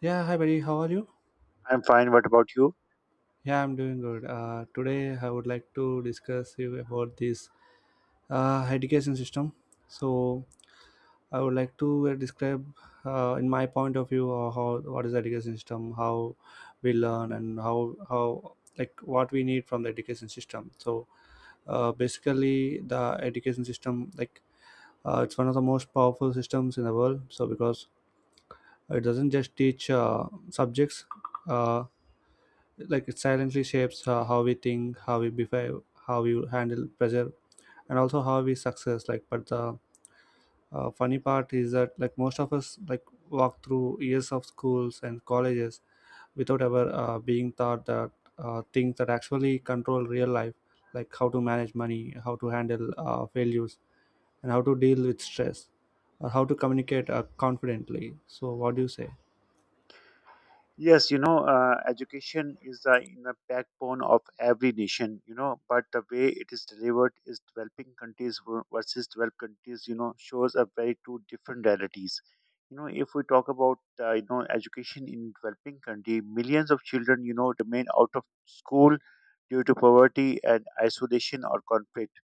Yeah, hi buddy, how are you? I'm fine. What about you? Yeah, I'm doing good. Today I would like to discuss you about this education system. So I would like to describe, in my point of view, how what is the education system, how we learn, and how like what we need from the education system. So basically, the education system like it's one of the most powerful systems in the world. So because it doesn't just teach subjects. Uh, like it silently shapes how we think, how we behave, how we handle pressure, and also how we success, like, but the funny part is that, like, most of us, like, walk through years of schools and colleges without ever being taught that things that actually control real life, like how to manage money, how to handle failures, and how to deal with stress, or how to communicate confidently. So what do you say? Yes, education is the inner backbone of every nation, but the way it is delivered is developing countries versus developed countries, shows a very two different realities. If we talk about, education in developing country, millions of children, remain out of school due to poverty and isolation or conflict.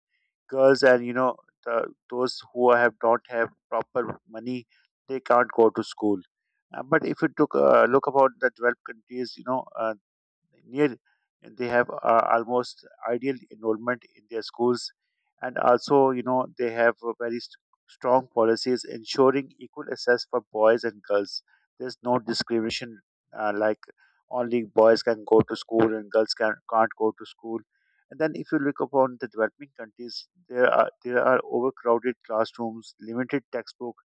Girls and those who have don't have proper money, they can't go to school. But if you took a look about the 12 countries, near, they have almost ideal enrollment in their schools. And also they have a very strong policies ensuring equal access for boys and girls. There's no discrimination, like only boys can go to school and girls can't go to school. And then if you look upon the developing countries, there are overcrowded classrooms, limited textbook,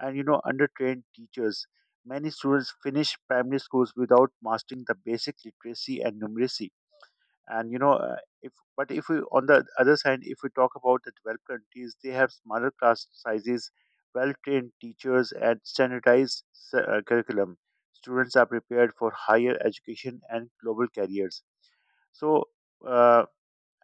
and undertrained teachers. Many students finish primary schools without mastering the basic literacy and numeracy. And if we on the other side, if we talk about the developed countries, they have smaller class sizes, well-trained teachers, and standardized curriculum. Students are prepared for higher education and global careers. So. Uh,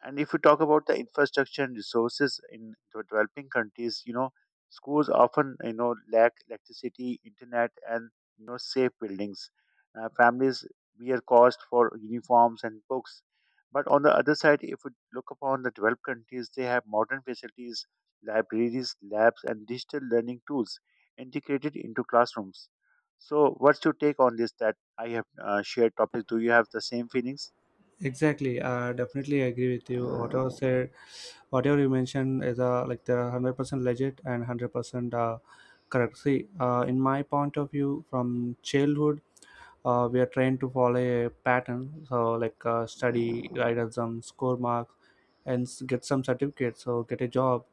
and if we talk about the infrastructure and resources in the developing countries, schools often, lack electricity, internet, and safe buildings. Families bear cost for uniforms and books. But on the other side, if we look upon the developed countries, they have modern facilities, libraries, labs, and digital learning tools integrated into classrooms. So, what's your take on this that I have shared topics? Do you have the same feelings? Exactly, I definitely agree with you. Whatever said, whatever you mentioned is like, there are 100% legit and 100% correct. See, in my point of view, from childhood, we are trained to follow a pattern. So like, study, write exams, score marks, and get some certificates. So get a job.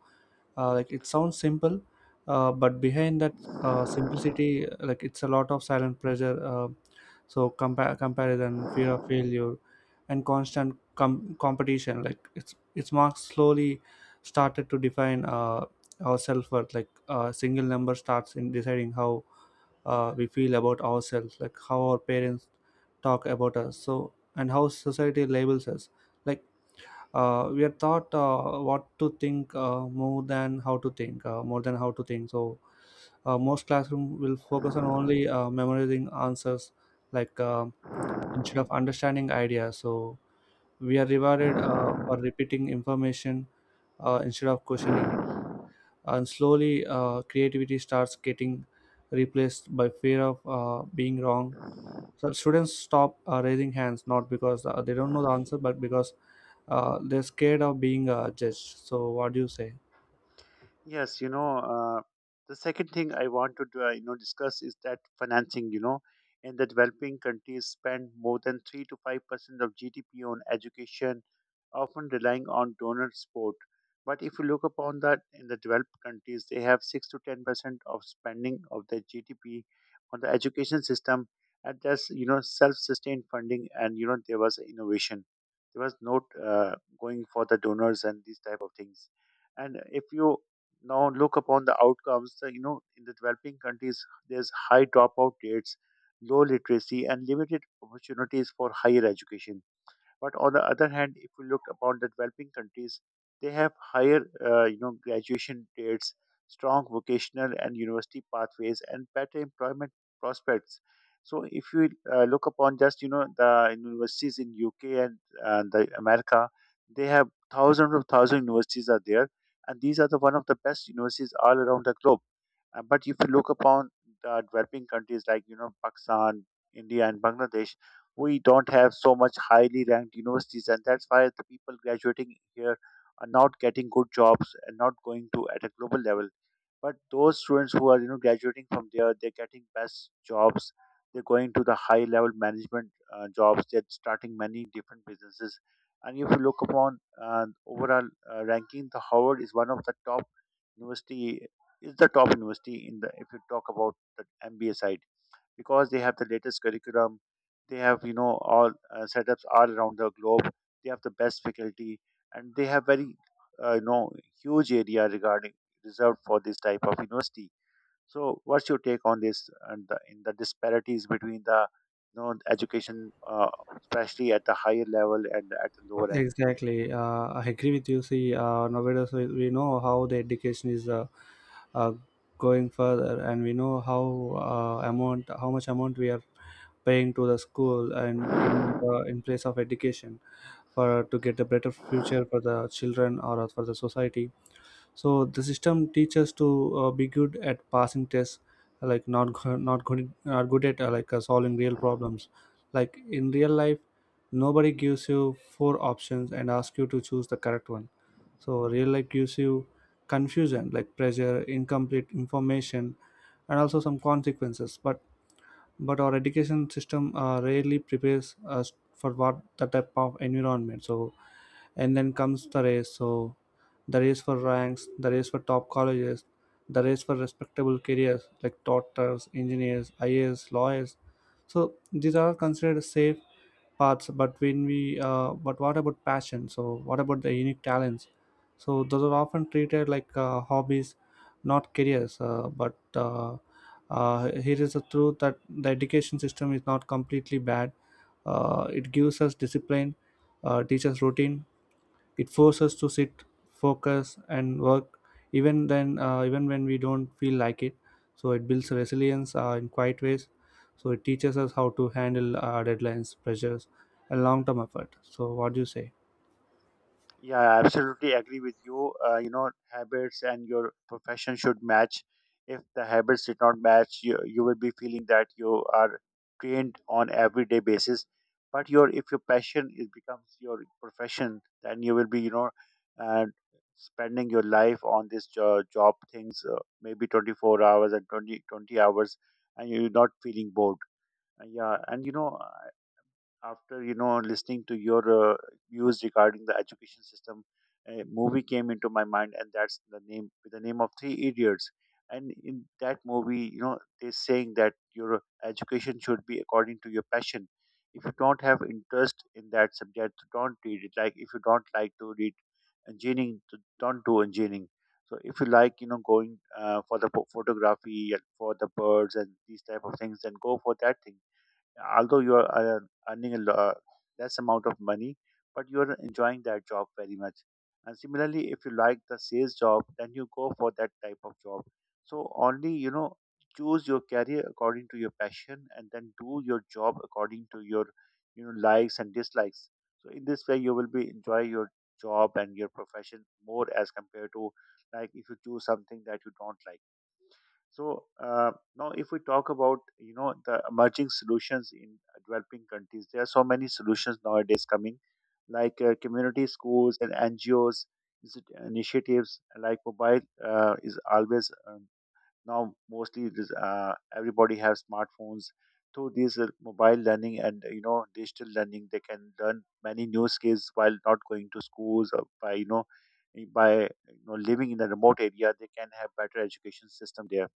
Like it sounds simple, but behind that simplicity, like, it's a lot of silent pressure. So comparison, fear of failure, and constant competition, like it's its marks slowly started to define our self-worth, like a single number starts in deciding how we feel about ourselves, like how our parents talk about us, so, and how society labels us, like we are taught what to think more than how to think. So most classroom will focus on only memorizing answers, like instead of understanding ideas. So we are rewarded for repeating information instead of questioning it. And slowly, creativity starts getting replaced by fear of being wrong. So students stop raising hands, not because they don't know the answer, but because they're scared of being judged. So, what do you say? Yes, the second thing I want to do, discuss is that financing. In the developing countries, spend more than 3 to 5% of GDP on education, often relying on donor support. But if you look upon that in the developed countries, they have 6 to 10% of spending of their GDP on the education system, and that's self-sustained funding, and there was innovation. There was not going for the donors and these type of things. And if you now look upon the outcomes. In the developing countries, there's high dropout rates, low literacy, and limited opportunities for higher education. But on the other hand, if you look upon the developing countries, they have higher, graduation rates, strong vocational and university pathways, and better employment prospects. So, if you look upon just the universities in UK and the America, they have thousands of thousand universities are there, and these are the one of the best universities all around the globe. But if you look upon the developing countries like Pakistan, India, and Bangladesh, we don't have so much highly ranked universities, and that's why the people graduating here are not getting good jobs and not going to at a global level. But those students who are graduating from there, they're getting best jobs. They're going to the high level management jobs. They're starting many different businesses. And if you look upon overall ranking, the Howard is one of the top university is the top university in the if you talk about the MBA side because they have the latest curriculum, they have all setups all around the globe, they have the best faculty, and they have very uh, you know huge area regarding reserved for this type of university. So, what's your take on this and in the disparities between the education, especially at the higher level and at the lower Exactly, I agree with you. See, nowadays we know how the education is uh, going further, and we know how amount, how much amount we are paying to the school, and end? in place of education, for to get a better future for the children or for the society. So the system teaches to be good at passing tests, like not good, not good at like solving real problems. Like in real life, nobody gives you four options and asks you to choose the correct one. So real life gives you confusion, like pressure, incomplete information, and also some consequences. But our education system rarely prepares us for what the type of environment. So and then comes the race. So the race for ranks, the race for top colleges, the race for respectable careers like doctors, engineers, ias, lawyers. So these are considered safe paths, but when we but what about passion? So what about the unique talents? So those are often treated like hobbies, not careers, but here is the truth, that the education system is not completely bad. It gives us discipline, teaches routine, it forces us to sit, focus, and work even then, even when we don't feel like it. So it builds resilience in quiet ways. So it teaches us how to handle deadlines, pressures, and long-term effort. So what do you say? Yeah, I absolutely agree with you. Habits and your profession should match. If the habits did not match, you will be feeling that you are trained on everyday basis. But your if your passion is becomes your profession, then you will be uh, spending your life on this job things, maybe 24 hours and 20 20 hours, and you're not feeling bored. Yeah, and after listening to your uh, views regarding the education system, a movie came into my mind and that's the name of Three Idiots. And in that movie they're saying that your education should be according to your passion. If you don't have interest in that subject, don't read it, like if you don't like to read engineering, don't do engineering. So if you like going for the photography and for the birds and these type of things, then go for that thing. Although you are earning a less amount of money, but you are enjoying that job very much. And similarly, if you like the sales job, then you go for that type of job. So only choose your career according to your passion, and then do your job according to your likes and dislikes. So in this way, you will be enjoy your job and your profession more as compared to like if you choose something that you don't like. So now, if we talk about the emerging solutions in developing countries, there are so many solutions nowadays coming, like community schools and NGOs initiatives. Like mobile is always now mostly it is, everybody has smartphones. Through these mobile learning and digital learning, they can learn many new skills while not going to schools or by you know living in a remote area, they can have better education system there.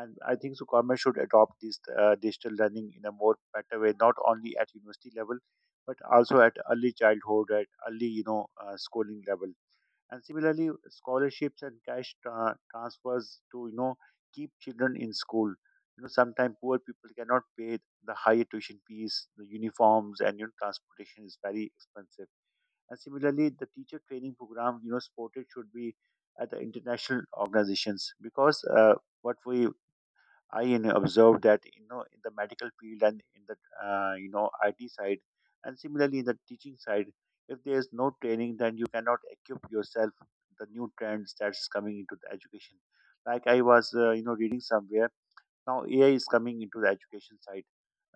And I think so government should adopt this digital learning in a more better way, not only at university level but also at early childhood at early schooling level. And similarly scholarships and cash transfers to keep children in school. Sometimes poor people cannot pay the higher tuition fees, the uniforms, and transportation is very expensive. And similarly the teacher training program supported should be at the international organizations because what we I observed that in the medical field and in the IT side, and similarly in the teaching side, if there is no training, then you cannot equip yourself the new trends that's coming into the education. Like I was reading somewhere now, AI is coming into the education side.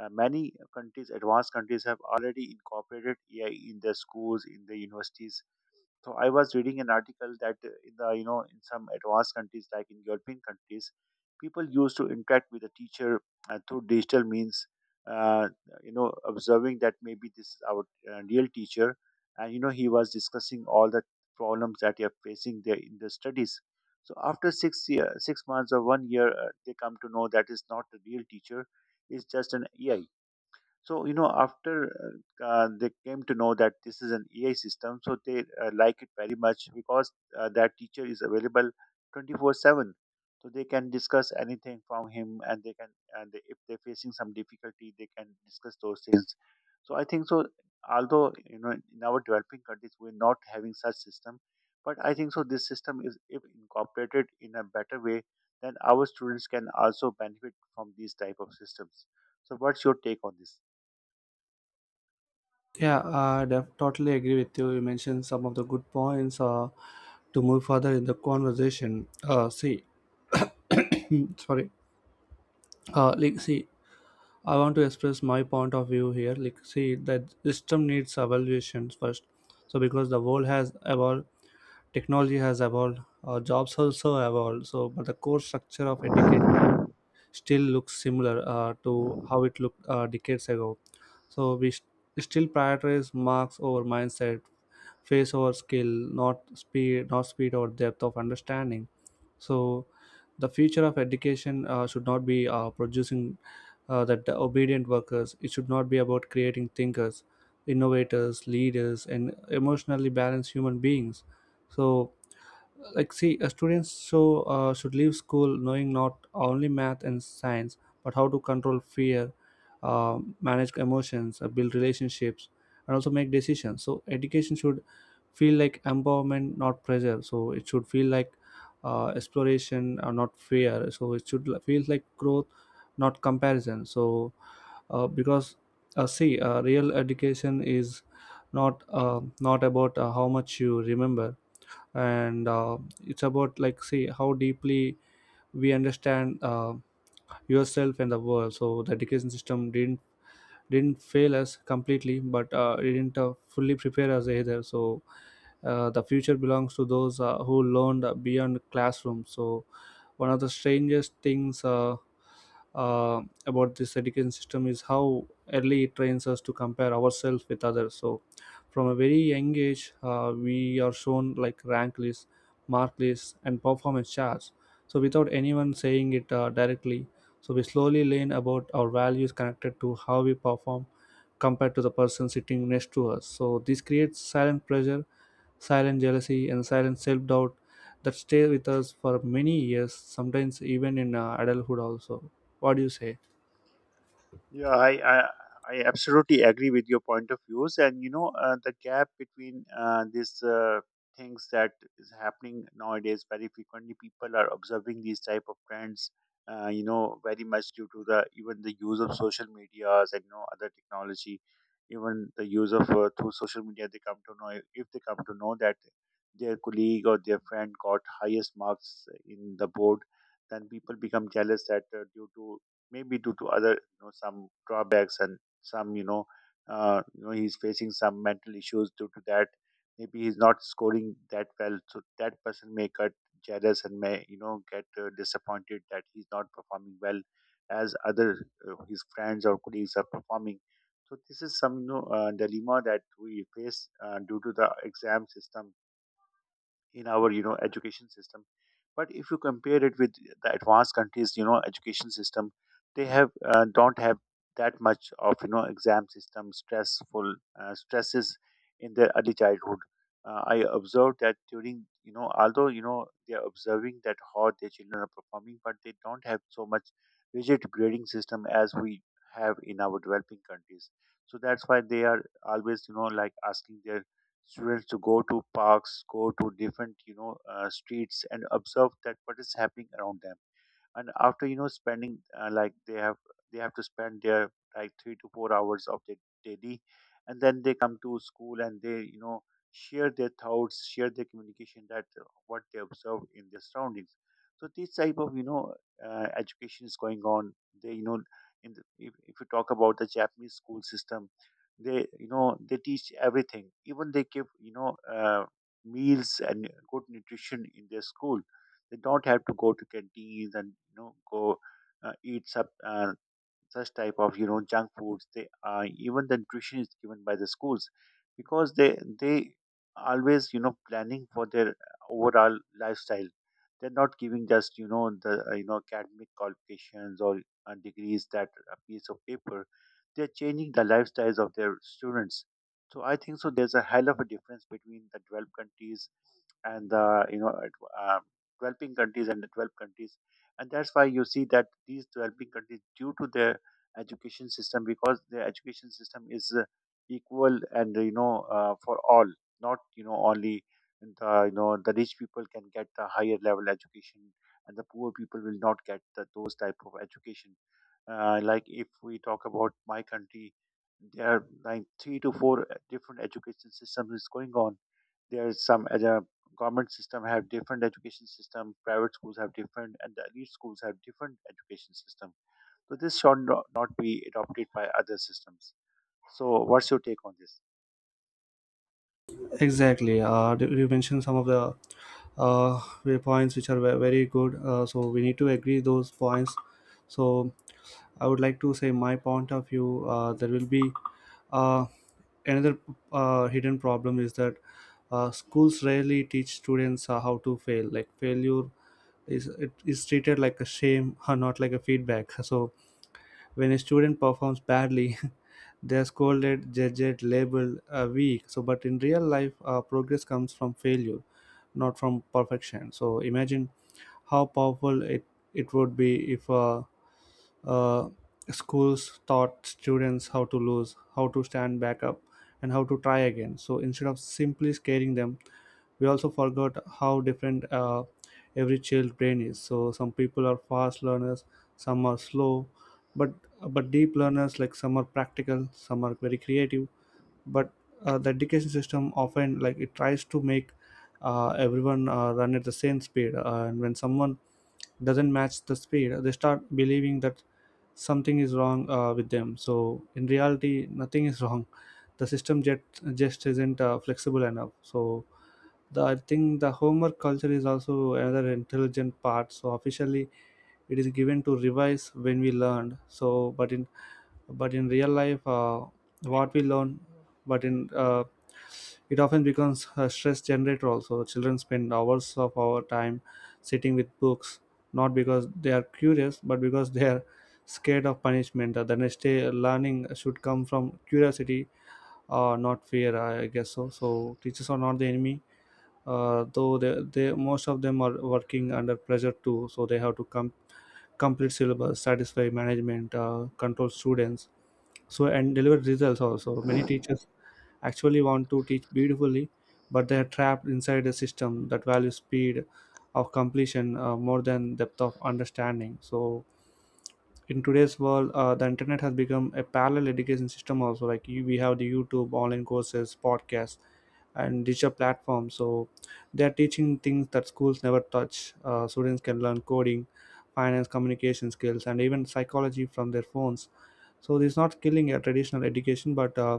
Many countries, advanced countries, have already incorporated AI in their schools, in the universities, so I was reading an article that in the you know in some advanced countries like in European countries, people used to interact with the teacher through digital means. Uh, Observing that maybe this is our real teacher, and he was discussing all the problems that you are facing there in the studies. So after 6 year, 6 months or 1 year, they come to know that is not the real teacher, it's just an AI. So after they came to know that this is an AI system, so they like it very much because that teacher is available 24/7. So they can discuss anything from him, and they can, and they, if they're facing some difficulty, they can discuss those things. So I think so. Although in our developing countries, we're not having such system, but I think so. This system is, if incorporated in a better way, then our students can also benefit from these type of systems. So, what's your take on this? Yeah, totally agree with you, you mentioned some of the good points, to move further in the conversation. See, sorry, like see, I want to express my point of view here. Like, see, the system needs evaluation first. So, because the world has evolved, technology has evolved, jobs also evolved. So, but the core structure of education still looks similar to how it looked decades ago. So, still prioritize marks over mindset, face over skill, not speed or depth of understanding. So the future of education should not be producing that obedient workers, it should not be about creating thinkers, innovators, leaders, and emotionally balanced human beings. So, like see, students should leave school knowing not only math and science, but how to control fear, manage emotions, build relationships, and also make decisions. So education should feel like empowerment, not pressure. So it should feel like exploration, or not fear. So it feel like growth, not comparison. So because see Real education is not about how much you remember, and it's about, like see, how deeply we understand yourself and the world. So the education system didn't fail us completely, but it didn't fully prepare us either. So the future belongs to those who learned beyond classroom. So one of the strangest things about this education system is how early it trains us to compare ourselves with others. So from a very young age, we are shown like rank lists, mark lists, and performance charts. So without anyone saying it directly, so we slowly learn about our values connected to how we perform compared to the person sitting next to us. So this creates silent pressure, silent jealousy, and silent self doubt that stay with us for many years, sometimes even in adulthood also. What do you say? Yeah, I absolutely agree with your point of views. And the gap between these things that is happening nowadays, very frequently people are observing these type of trends, very much due to the even the use of social medias and other technology, even the use of through social media, they come to know, if they come to know that their colleague or their friend got highest marks in the board, then people become jealous that due to maybe due to other some drawbacks and some he's facing some mental issues due to that, maybe he's not scoring that well, so that person may get jealous and may get disappointed that he's not performing well as other his friends or colleagues are performing. So this is some dilemma that we face due to the exam system in our education system. But if you compare it with the advanced countries education system, they have don't have that much of exam system stressful stresses in their early childhood. I observed that during although they are observing that how their children are performing, but they don't have so much rigid grading system as we have in our developing countries. So that's why they are always like asking their students to go to parks, go to different streets, and observe that what is happening around them. And after spending like they have to spend their like 3 to 4 hours of their daily, and then they come to school and they share their thoughts, share their communication that what they observe in their surroundings. So this type of education is going on. They, you know in the, if you talk about the Japanese school system, they they teach everything, even they give meals and good nutrition in their school. They don't have to go to canteens and go eat such type of junk foods. They even the nutrition is given by the schools, because they always planning for their overall lifestyle. They're not giving just the academic qualifications or degrees that a piece of paper. They're changing the lifestyles of their students. So I think so there's a hell of a difference between the developed countries and the you know ad- uh, developing countries and the developed countries. And that's why you see that these developing countries due to their education system, because their education system is equal and for all, not only the the rich people can get the higher level education, and the poor people will not get those type of education. Like if we talk about my country, there are like three to four different education systems is going on. There is some other government system have different education system, private schools have different, and the elite schools have different education system. So this should not be adopted by other systems. So what's your take on this? Exactly. You mentioned some of the way points which are very good. So we need to agree those points. So I would like to say my point of view. There will be uh, another hidden problem, is that schools rarely teach students how to fail, like failure is, it is treated like a shame or not like a feedback so when a student performs badly they are scolded, judged, labeled weak. So but in real life, progress comes from failure, not from perfection. So imagine how powerful it would be if uh, schools taught students how to lose, how to stand back up, and how to try again. So instead of simply scaring them, we also forgot how different every child brain is. So some people are fast learners, some are slow, but but deep learners, like some are practical, some are very creative. But the education system often, like it tries to make everyone run at the same speed, and when someone doesn't match the speed, they start believing that something is wrong with them. So in reality, nothing is wrong, the just isn't flexible enough. So the, I think the homework culture is also another intelligent part. So officially it is given to revise when we learned. So but in real life, what we learn but in it often becomes a stress generator. Also children spend hours of our time sitting with books, not because they are curious, but because they are scared of punishment. The next day, learning should come from curiosity, not fear, I guess. So so teachers are not the enemy, though they most of them are working under pressure too. So they have to complete syllabus, satisfy management, control students, so, and deliver results. Also many teachers actually want to teach beautifully, but they are trapped inside a system that values speed of completion more than depth of understanding. So in today's world, the internet has become a parallel education system also, like you, we have the youtube, online courses, podcasts, and digital platforms. So they are teaching things that schools never touch. Students can learn coding, finance, communication skills, and even psychology from their phones. So this is not killing a traditional education, but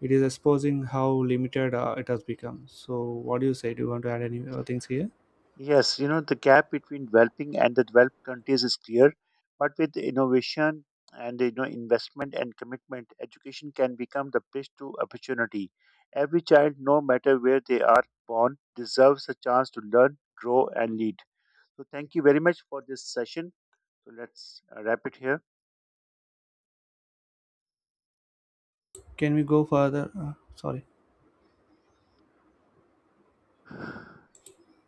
it is exposing how limited it has become. So what do you say, do you want to add any things here? Yes, the gap between developing and the developed countries is clear, but with innovation and investment and commitment, education can become the bridge to opportunity. Every child, no matter where they are born, deserves a chance to learn, grow, and lead. So thank you very much for this session. So let's wrap it here. Can we go further? Sorry.